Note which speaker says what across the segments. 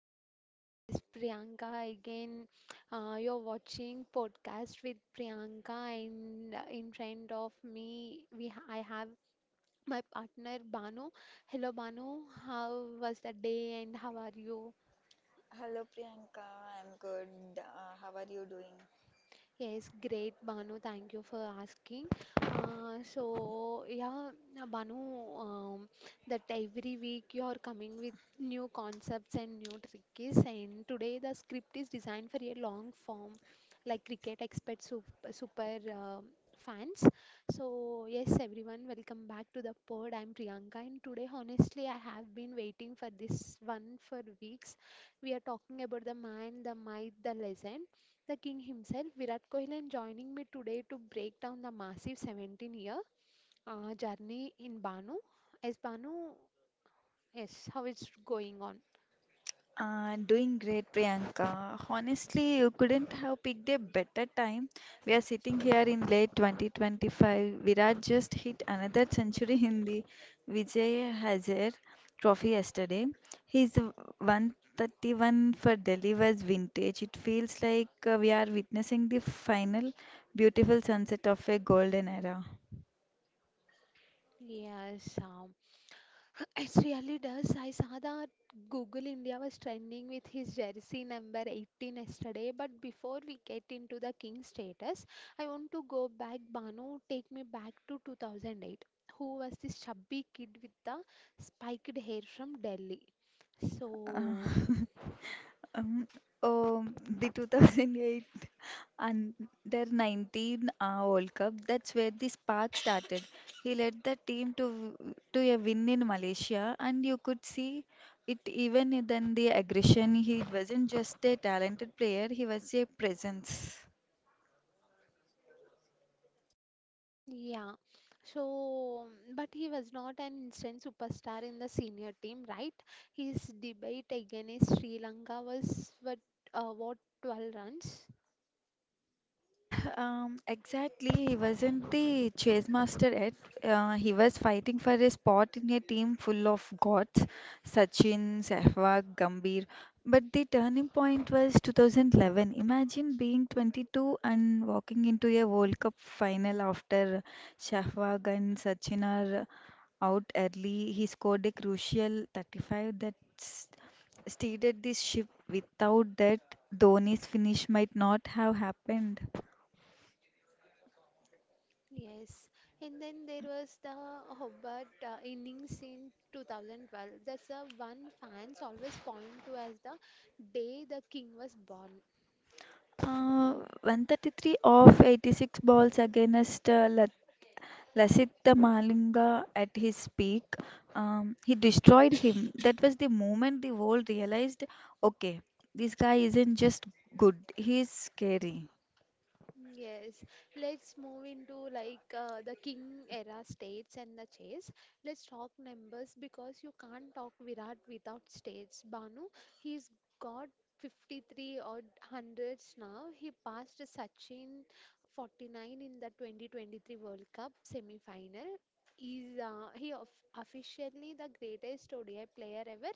Speaker 1: hello, hi, this is Priyanka again. You're watching podcast with Priyanka, and in front of me, we ha I have my partner Banu. Hello, Banu, how was the day and how are you?
Speaker 2: Hello Priyanka, I'm good. How are you doing?
Speaker 1: Yes, great, Banu. Thank you for asking. Banu, um, that every week you are coming with new concepts and new tricks. And today the script is designed for a long form, like cricket expert super, super, fans. So, yes, everyone, welcome back to the pod. I'm Priyanka, and today, honestly, I have been waiting for this one for weeks. We are talking about the man, the myth, the legend. The king himself, Virat Kohli, and joining me today to break down the massive 17 year journey in Banu. As Banu, yes, how it's going on?
Speaker 2: Doing great, Priyanka. Honestly, you couldn't have picked a better time. We are sitting here in late 2025. Virat just hit another century in the Vijay Hazare Trophy yesterday. His 131 for Delhi was vintage. It feels like we are witnessing the final beautiful sunset of a golden era.
Speaker 1: Yes, it really does. I saw that Google India was trending with his jersey number 18 yesterday. But before we get into the king status, I want to go back. Banu, take me back to 2008. Who was this chubby kid with the spiked hair from Delhi?
Speaker 2: Uh,
Speaker 1: So,
Speaker 2: Um, the 2008 under 19 World Cup, that's where the spark started. He led the team to a win in Malaysia, and you could see it even in then the aggression. He wasn't just a talented player; he was a presence.
Speaker 1: yeah. So, but he was not an instant superstar in the senior team, right? His debate against Sri Lanka was what, 12 runs?
Speaker 2: Exactly, he wasn't the chase master yet. He was fighting for a spot in a team full of gods, Sachin, Sehwag, Gambhir. But the turning point was 2011. Imagine being 22 and walking into a World Cup final after Sehwag and Sachin are out early. He scored a crucial 35 that steered this ship. Without that, Dhoni's finish might not have happened.
Speaker 1: Yes, and then there was the Hobart innings in 2012. That's the one fans always point to as the day the king was born.
Speaker 2: Uh, 133 of 86 balls against Lasith Malinga at his peak. He destroyed him. That was the moment the world realized okay, this guy isn't just good, he's scary.
Speaker 1: Yes, let's move into like the king era states and the chase. Let's talk numbers because you can't talk Virat without states. Banu, he's got 53 odd hundreds now. He passed Sachin 49 in the 2023 World Cup semi-final. Is he of officially the greatest ODI player ever?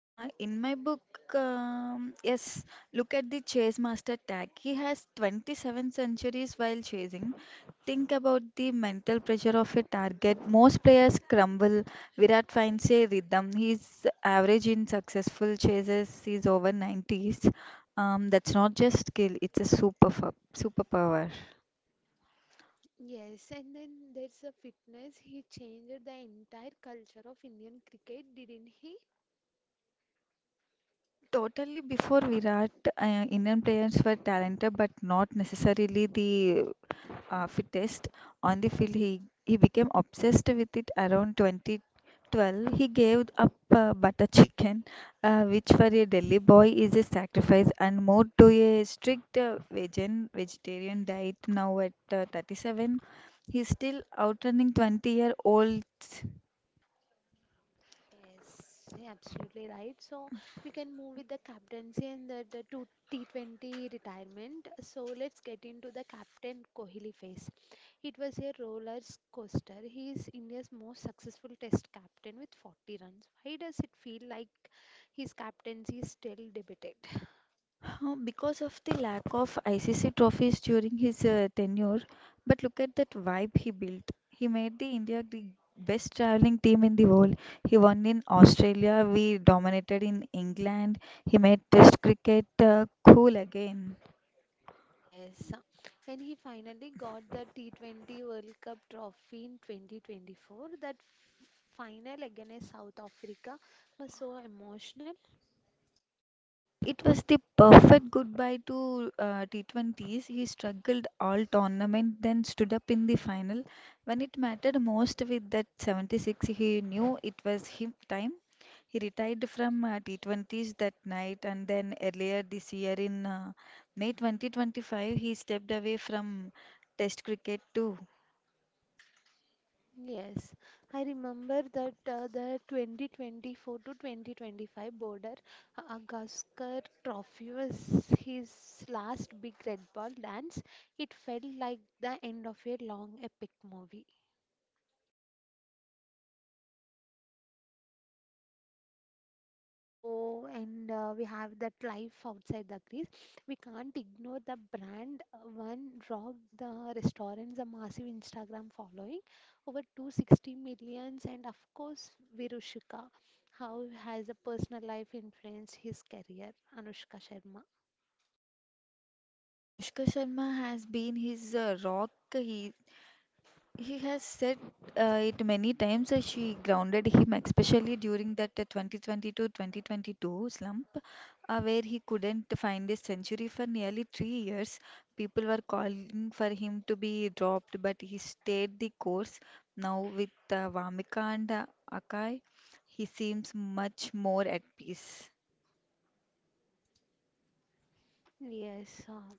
Speaker 2: In my book, yes, look at the chase master tag. He has 27 centuries while chasing. Think about the mental pressure of a target. Most players crumble. Virat finds a rhythm. His average in successful chases is over 90s. That's not just skill, it's a superpower.
Speaker 1: Yes, and then there's a fitness. He changed the entire culture of Indian cricket, didn't he?
Speaker 2: Totally before Virat, Indian players were talented but not necessarily the fittest on the field. He became obsessed with it around 2012. He gave up butter chicken, which for a Delhi boy is a sacrifice, and moved to a strict vegan vegetarian diet. Now at 37, he's still outrunning 20-year-olds.
Speaker 1: Yes, you're absolutely right. So we can move with the captaincy and the two T20 retirement. So let's get into the captain Kohli phase. It was a roller coaster. He is India's most successful test captain with 40 runs. Why does it feel like his captaincy is still debated?
Speaker 2: Because of the lack of ICC trophies during his tenure, but look at that vibe he built. He made the India the best traveling team in the world. He won in Australia, we dominated in England. He made Test cricket cool again.
Speaker 1: Yes, and he finally got the T20 World Cup trophy in 2024. That final against South Africa was so emotional.
Speaker 2: It was the perfect goodbye to T20s. He struggled all tournament, then stood up in the final when it mattered most with that 76. He knew it was him time. He retired from T20s that night, and then earlier this year in May 2025, he stepped away from Test cricket too.
Speaker 1: Yes, I remember that the 2024 to 2025 border Agaskar Trophy was his last big red ball dance. It felt like the end of a long epic movie. So and we have that life outside the crease. We can't ignore the brand. One rock, the restaurants, a massive Instagram following, over 260 millions, and of course, Virushika. How has a personal life influenced his career? Anushka Sharma.
Speaker 2: Anushka Sharma has been his rock. He has said it many times that she grounded him, especially during that 2022-2022 slump, where he couldn't find a century for nearly 3 years. People were calling for him to be dropped, but he stayed the course. Now with Vamika and Akai, he seems much more at peace.
Speaker 1: Yes,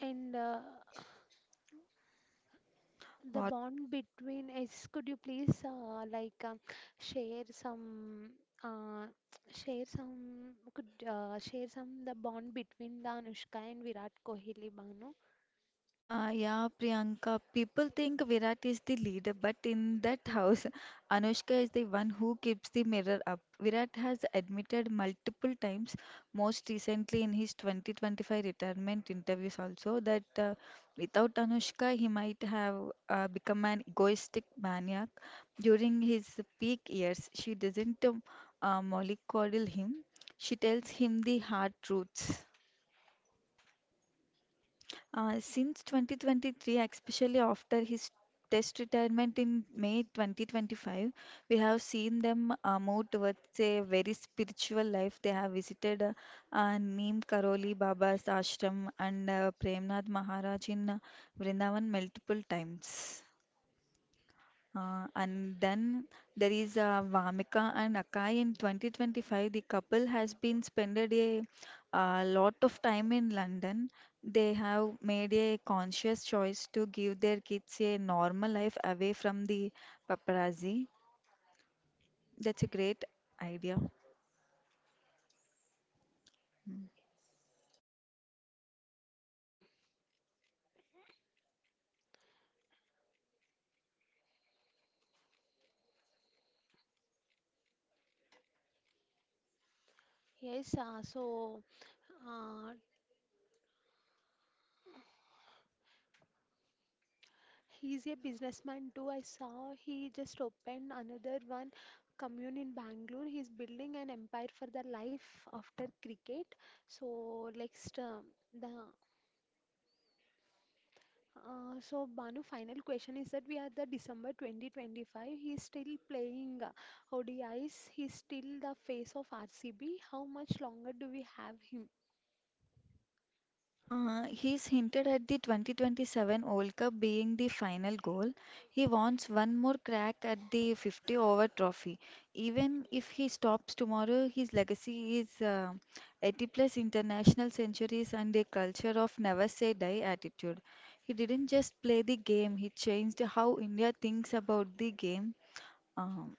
Speaker 1: and the
Speaker 2: What?
Speaker 1: bond between us, could you please like share some uh, share some, the bond between the Anushka and Virat Kohli, Banu?
Speaker 2: Yeah, Priyanka, people think Virat is the leader, but in that house, Anushka is the one who keeps the mirror up. Virat has admitted multiple times, most recently in his 2025 retirement interviews also, that without Anushka, he might have become an egoistic maniac. During his peak years, she doesn't mollycoddle him. She tells him the hard truths. Since 2023, especially after his test retirement in May 2025, we have seen them move towards a very spiritual life. They have visited Neem Karoli Baba's ashram and Premnath Maharaj in Vrindavan multiple times. And then there is Vamika and Akai in 2025. The couple has been spended a lot of time in London. They have made a conscious choice to give their kids a normal life away from the paparazzi. That's a great idea.
Speaker 1: yes uh, so uh, he's a businessman too. I saw he just opened another one commune in Bangalore. He's building an empire for the life after cricket. So next, the so Banu, final question is that we are the December 2025. He's still playing ODIs. He's still the face of RCB. How much longer do we have him?
Speaker 2: He's hinted at the 2027 World Cup being the final goal. He wants one more crack at the 50 over trophy. Even if he stops tomorrow, his legacy is 80 plus international centuries and a culture of never say die attitude. He didn't just play the game, he changed how India thinks about the game. Um,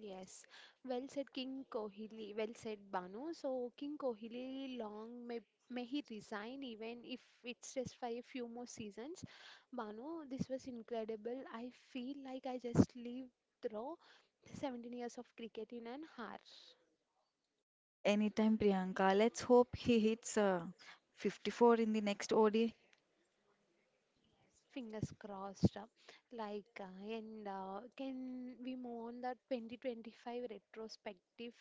Speaker 1: Yes. Well said, King Kohli. Well said, Banu. So King Kohli, long may he resign, even if it's just for a few more seasons. Banu, this was incredible. I feel like I just lived through 17 years of cricket in an hour.
Speaker 2: Anytime, Priyanka, let's hope he hits 54 in the next ODI.
Speaker 1: Yes, fingers crossed. Like, and can we move on the 2025 retrospective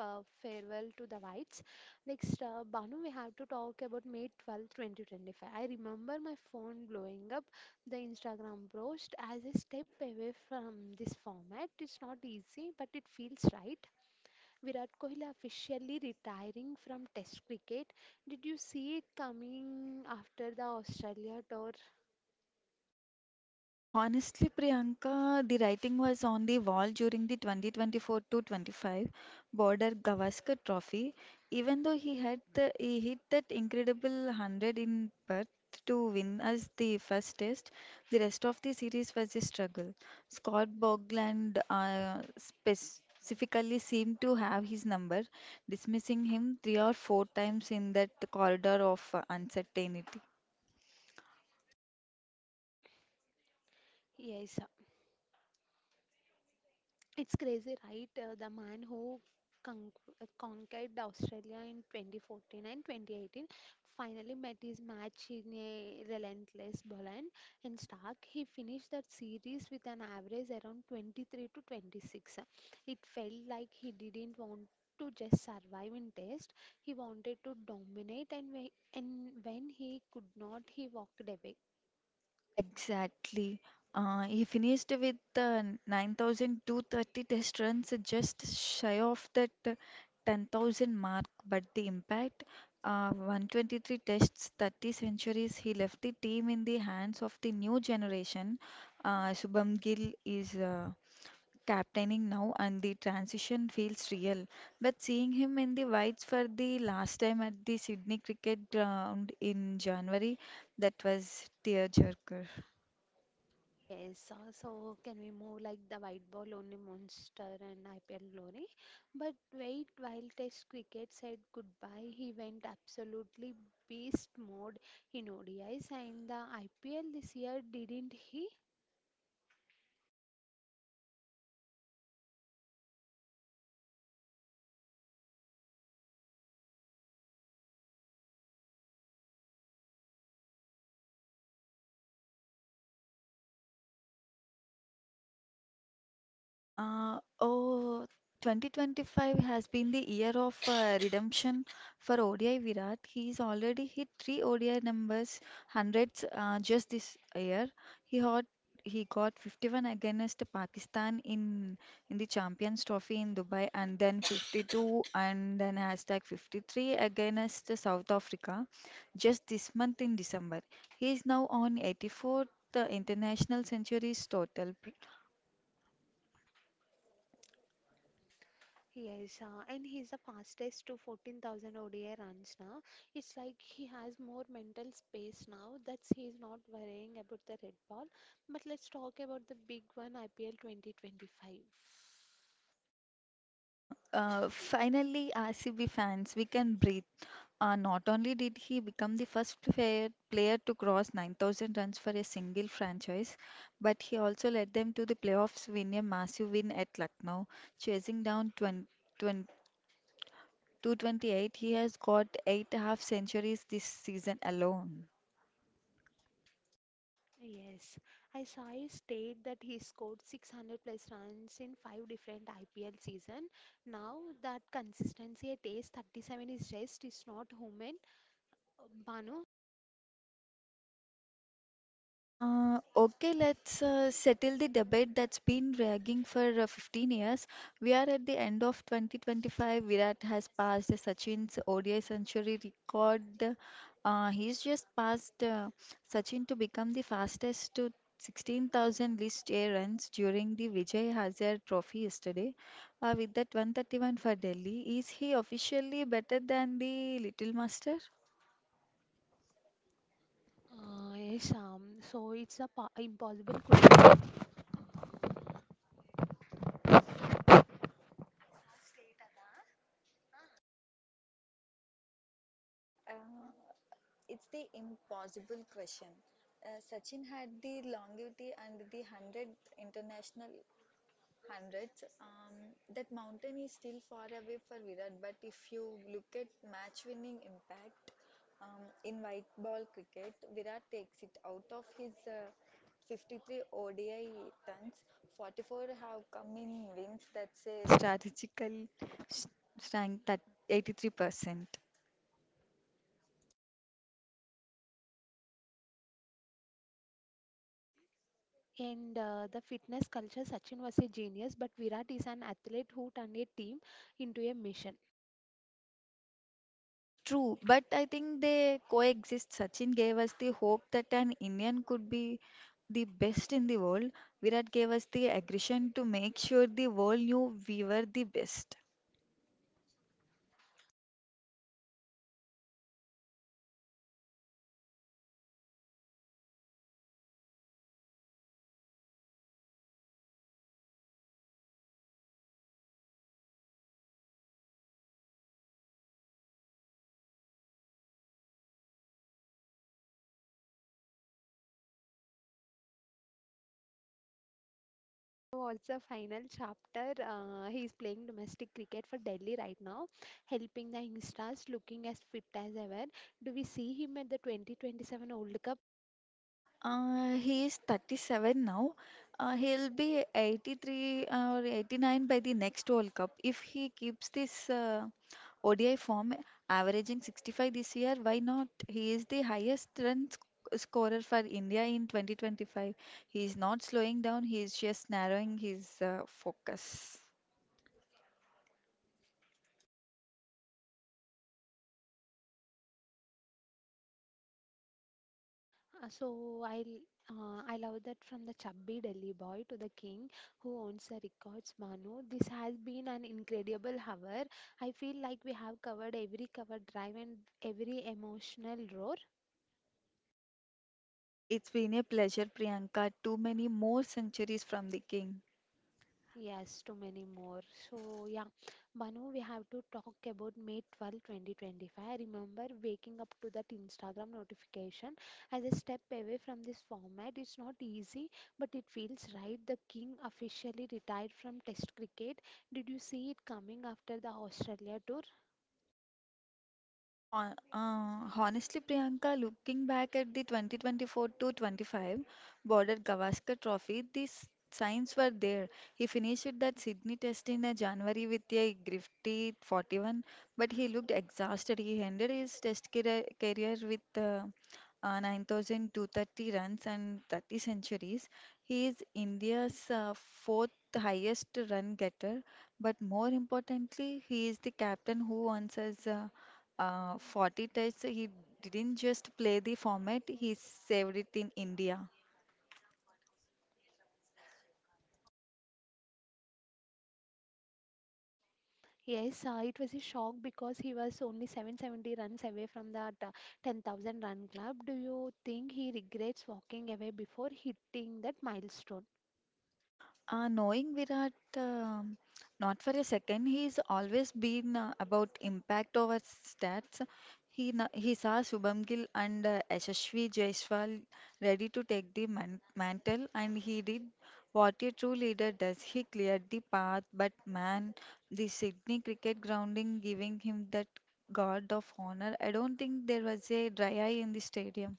Speaker 1: farewell to the whites? Next, Banu, we have to talk about May 12, 2025. I remember my phone blowing up, the Instagram post, "As a step away from this format. It's not easy, but it feels right." Virat Kohli officially retiring from Test cricket. Did you see it coming after the Australia tour?
Speaker 2: Honestly, Priyanka, the writing was on the wall during the 2024 to 25 Border Gavaskar Trophy. Even though he hit that incredible 100 in Perth to win us the first test, the rest of the series was a struggle. Scott Bogland specifically seemed to have his number, dismissing him three or four times in that corridor of uncertainty.
Speaker 1: Yes, it's crazy, right? The man who con- conquered Australia in 2014 and 2018 finally met his match in a relentless Boland and Stark. He finished that series with an average around 23 to 26. It felt like he didn't want to just survive in test. He wanted to dominate, and and when he could not, he walked away.
Speaker 2: Exactly. He finished with 9,230 test runs, just shy of that 10,000 mark. But the impact, 123 tests, 30 centuries, he left the team in the hands of the new generation. Shubham Gill is captaining now, and the transition feels real. But seeing him in the whites for the last time at the Sydney Cricket Ground in January, that was tearjerker.
Speaker 1: Yes, so can we move like the white ball only monster and IPL glory? But wait, while Test cricket said goodbye, he went absolutely beast mode in ODIs and the IPL this year, didn't he?
Speaker 2: Oh, 2025 has been the year of redemption for ODI Virat. He's already hit three ODI numbers, hundreds just this year. He got he got 51 against Pakistan in the Champions Trophy in Dubai, and then 52, and then hashtag 53 against South Africa just this month in December. He is now on 84 international centuries total.
Speaker 1: Yes, and he's the fastest to 14,000 ODI runs now. It's like he has more mental space now, that he's not worrying about the red ball. But let's talk about the big one, IPL 2025.
Speaker 2: Finally, RCB fans, we can breathe. Not only did he become the first fair player to cross 9,000 runs for a single franchise, but he also led them to the playoffs win a massive win at Lucknow, chasing down 20, 228. He has got eight half centuries this season alone.
Speaker 1: Yes, I saw his state that he scored 600 plus runs in five different IPL season. Now that consistency at age 37 is just is not human. Banu,
Speaker 2: Okay, let's settle the debate that's been dragging for 15 years. We are at the end of 2025. Virat has passed Sachin's ODI century record. He's just passed Sachin to become the fastest to 16,000 list A runs during the Vijay Hazare Trophy yesterday. With that 131 for Delhi, is he officially better than the Little Master?
Speaker 1: yes, so it's impossible question.
Speaker 2: It's the impossible question. Sachin had the longevity and the 100 international hundreds. That mountain is still far away for Virat, but if you look at match winning impact in white ball cricket, Virat takes it out of his 53 ODI tons. 44 have come in wins, that's a strategical s- strength at 83%.
Speaker 1: And the fitness culture, Sachin was a genius, but Virat is an athlete who turned a team into a mission.
Speaker 2: True, but I think they coexist. Sachin gave us the hope that an Indian could be the best in the world. Virat gave us the aggression to make sure the world knew we were the best. He is 37 now. He'll be 83 or 89 by the next World Cup if he keeps this ODI form, averaging 65 this year. Why not? He is the highest run sc scorer for India in 2025. He is not slowing down. He is just narrowing his focus. It's been a pleasure, Priyanka. Too many more centuries from the king. Honestly, Priyanka, looking back at the 2024 to 25 border Gavaskar Trophy, these signs were there. He finished that Sydney test in January with a grifty 41, but he looked exhausted. He ended his test career with 9,230 runs and 30 centuries. He is India's fourth highest run getter, but more importantly, he is the captain who earns us. 40 Tests, he didn't just play the format, he saved it in India. Knowing Virat, um, not for a second, he's always been about impact over stats. He saw Shubham Gill and Yashasvi Jaiswal ready to take the mantle, and he did what a true leader does. He cleared the path, but man, the Sydney cricket grounding giving him that guard of honor. I don't think there was a dry eye in the stadium.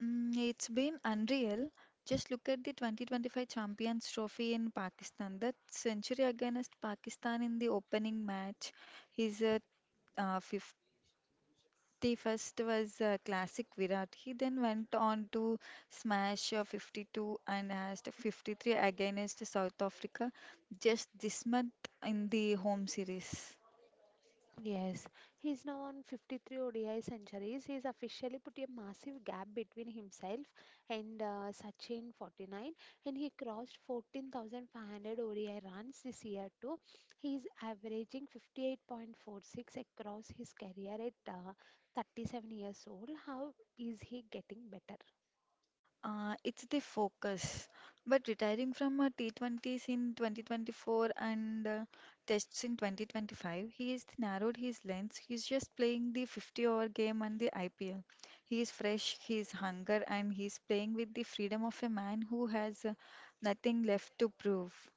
Speaker 2: It's been unreal. Just look at the 2025 Champions Trophy in Pakistan. That century against Pakistan in the opening match, his uh, 51st was a classic Virat. He then went on to smash 52 and hashed 53 against South Africa just this month in the home series. It's the focus. But retiring from T20s in 2024 and tests in 2025, he has narrowed his lens. He's just playing the 50 over game and the IPL. He is fresh, he is hunger, and he's playing with the freedom of a man who has nothing left to prove.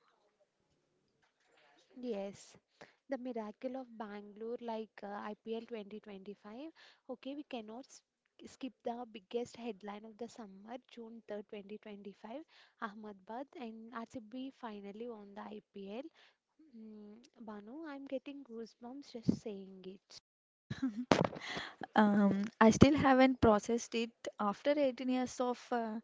Speaker 2: I still haven't processed it after 18 years of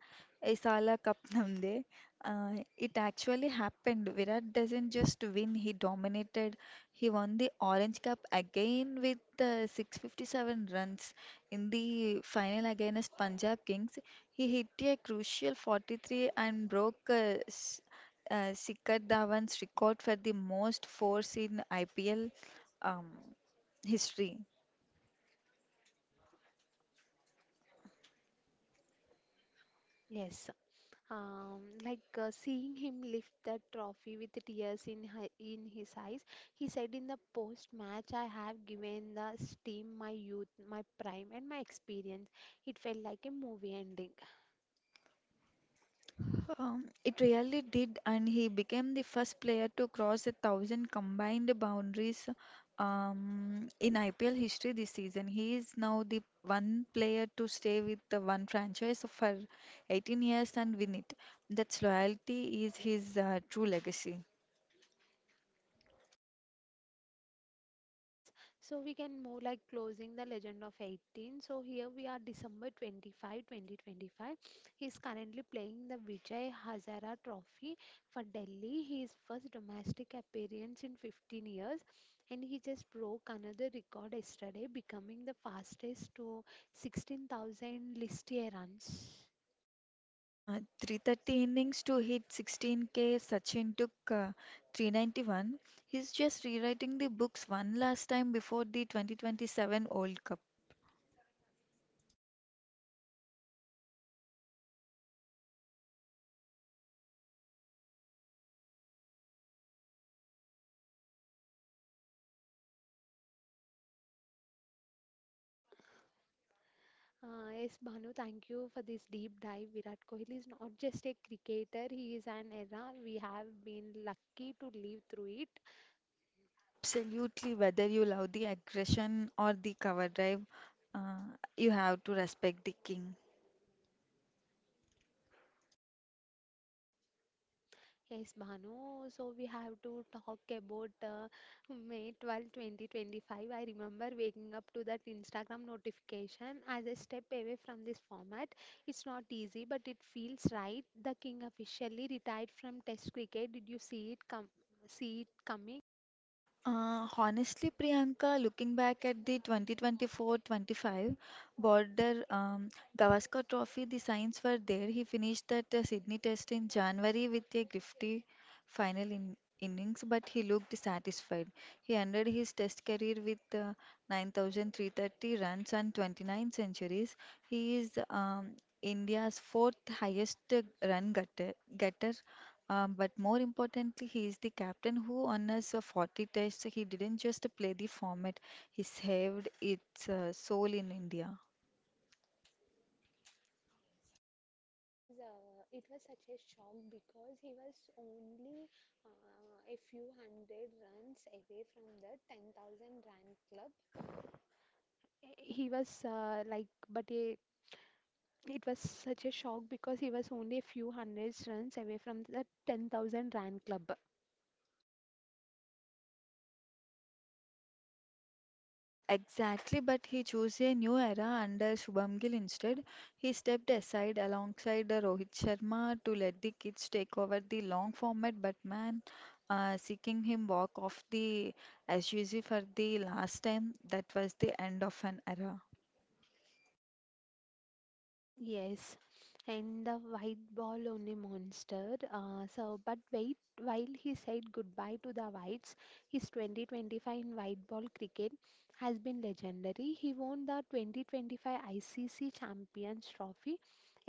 Speaker 2: Isala Cup Namde. It actually happened. Virat doesn't just win, he dominated. He won the Orange Cup again with 657 runs in the final against Punjab Kings. He hit a crucial 43 and broke Shikhar Dhawan's record for the most fours in IPL um, history. It really did, and he became the first player to cross a thousand combined boundaries in IPL history this season. He is now the one player to stay with the one franchise for 18 years and win it. That's loyalty is his true legacy. Uh, 330 innings to hit 16K, Sachin took 391. He's just rewriting the books one last time before the 2027 World Cup. Absolutely, whether you love the aggression or the cover drive, uh, you have to respect the king. Honestly, Priyanka, looking back at the 2024-25 border Gavaskar Trophy, the signs were there. He finished that Sydney test in January with a grifty final in innings, but he looked satisfied. He ended his test career with 9,330 runs and 29 centuries. He is India's fourth highest run getter, but more importantly, he is the captain who honors a 40 test. He didn't just play the format, he saved its soul in India. Exactly, but he chose a new era under Shubham Gill instead. He stepped aside alongside Rohit Sharma to let the kids take over the long format. But man, seeing him walk off the SUG for the last time, that was the end of an era.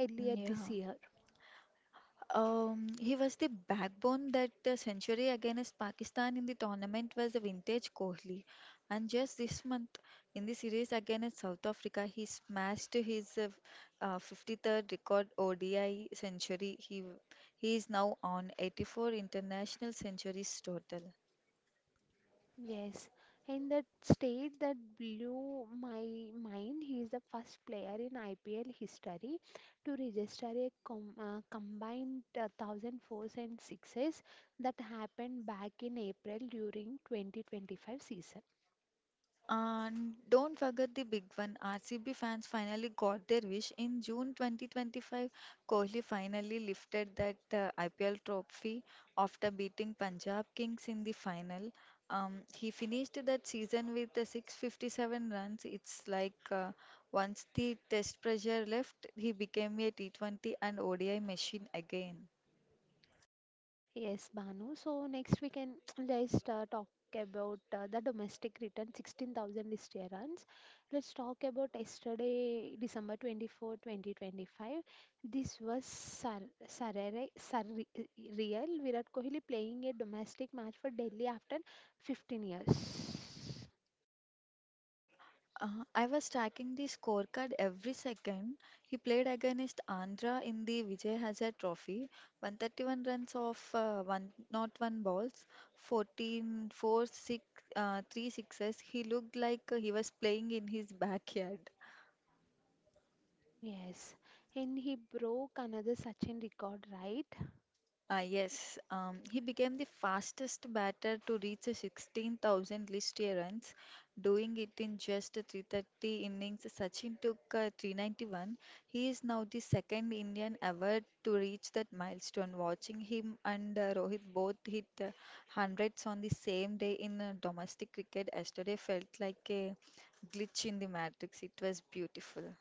Speaker 2: Mm, yeah. He was the backbone. That the century against Pakistan in the tournament was the vintage Kohli. And just this month in the series against South Africa, he smashed his 53rd record ODI century. He is now on 84 international centuries total. And don't forget the big one. RCB fans finally got their wish in June 2025. Kohli finally lifted that IPL trophy after beating Punjab Kings in the final. He finished that season with 657 runs. It's like once the test pressure left, he became a T20 and ODI machine again. I was tracking the scorecard every second. He played against Andhra in the Vijay Hazare Trophy, 131 runs off one, not one balls, 14, four, 6, 3 sixes. He looked like he was playing in his backyard. Ah, yes, he became the fastest batter to reach a 16,000 list year runs, doing it in just a 330 innings. Sachin took 391. He is now the second Indian ever to reach that milestone. Watching him and Rohit both hit hundreds on the same day in domestic cricket yesterday felt like a glitch in the matrix. It was beautiful.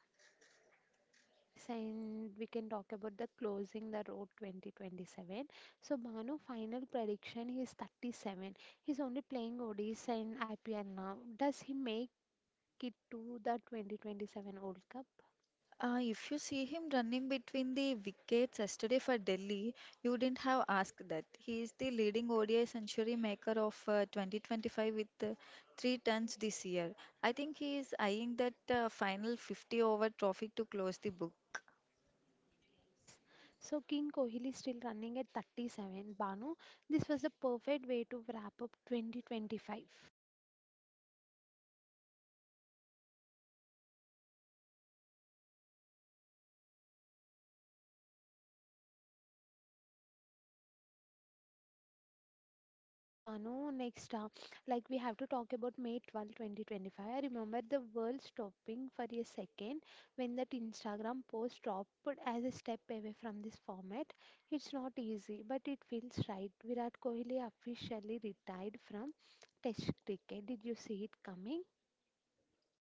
Speaker 2: If you see him running between the wickets yesterday for Delhi, you didn't have asked that. He is the leading ODI century maker of 2025 with three tons this year. I think he is eyeing that final 50 over trophy to close the book.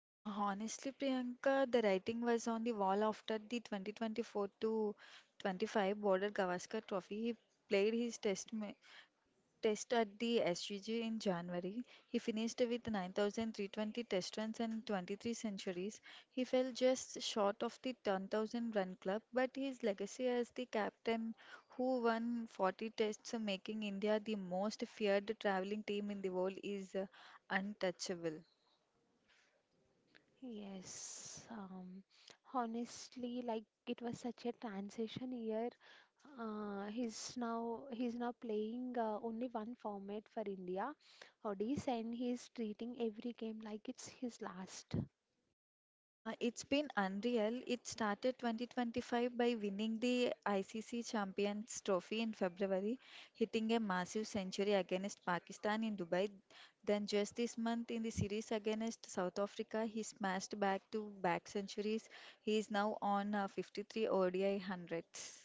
Speaker 2: Honestly, Priyanka, the writing was on the wall after the 2024 to 25 Border Gavaskar Trophy. He played his test at the SGG in January. He finished with 9,320 test runs and 23 centuries. He fell just short of the 10,000 run club, but his legacy as the captain who won 40 tests, making India the most feared travelling team in the world, is untouchable. It's been unreal. It started 2025 by winning the ICC Champions Trophy in February, hitting a massive century against Pakistan in Dubai. Then, just this month in the series against South Africa, he smashed back to back centuries. He is now on 53 ODI hundreds.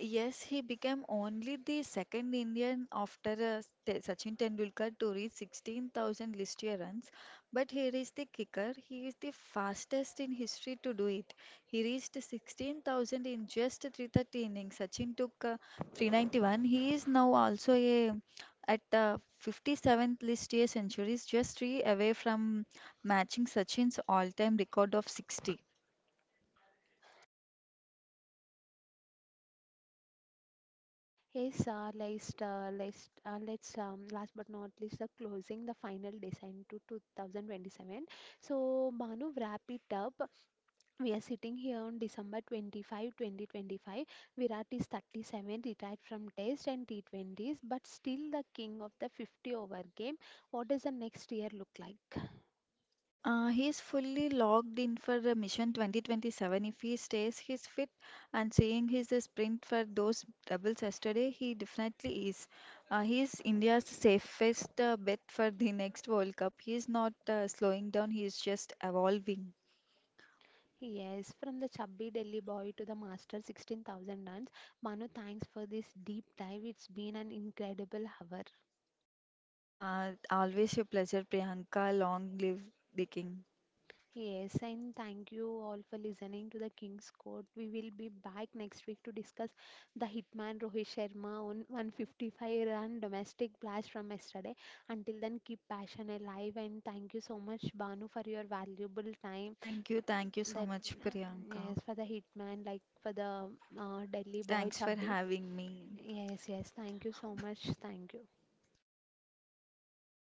Speaker 2: Yes, he became only the second Indian after Sachin Tendulkar to reach 16,000 list year runs. But here is the kicker, he is the fastest in history to do it. He reached 16,000 in just 330 innings. Sachin took 391. He is now also at 57th list year centuries, just three away from matching Sachin's all time record of 60. He is fully logged in for the Mission 2027. If he stays, he's fit, and seeing he's a sprint for those doubles yesterday, he definitely is. He is India's safest bet for the next World Cup. He is not slowing down, he is just evolving. Always a pleasure, Priyanka. Long live the king. Thank you so much, Priyanka. Thanks for having me.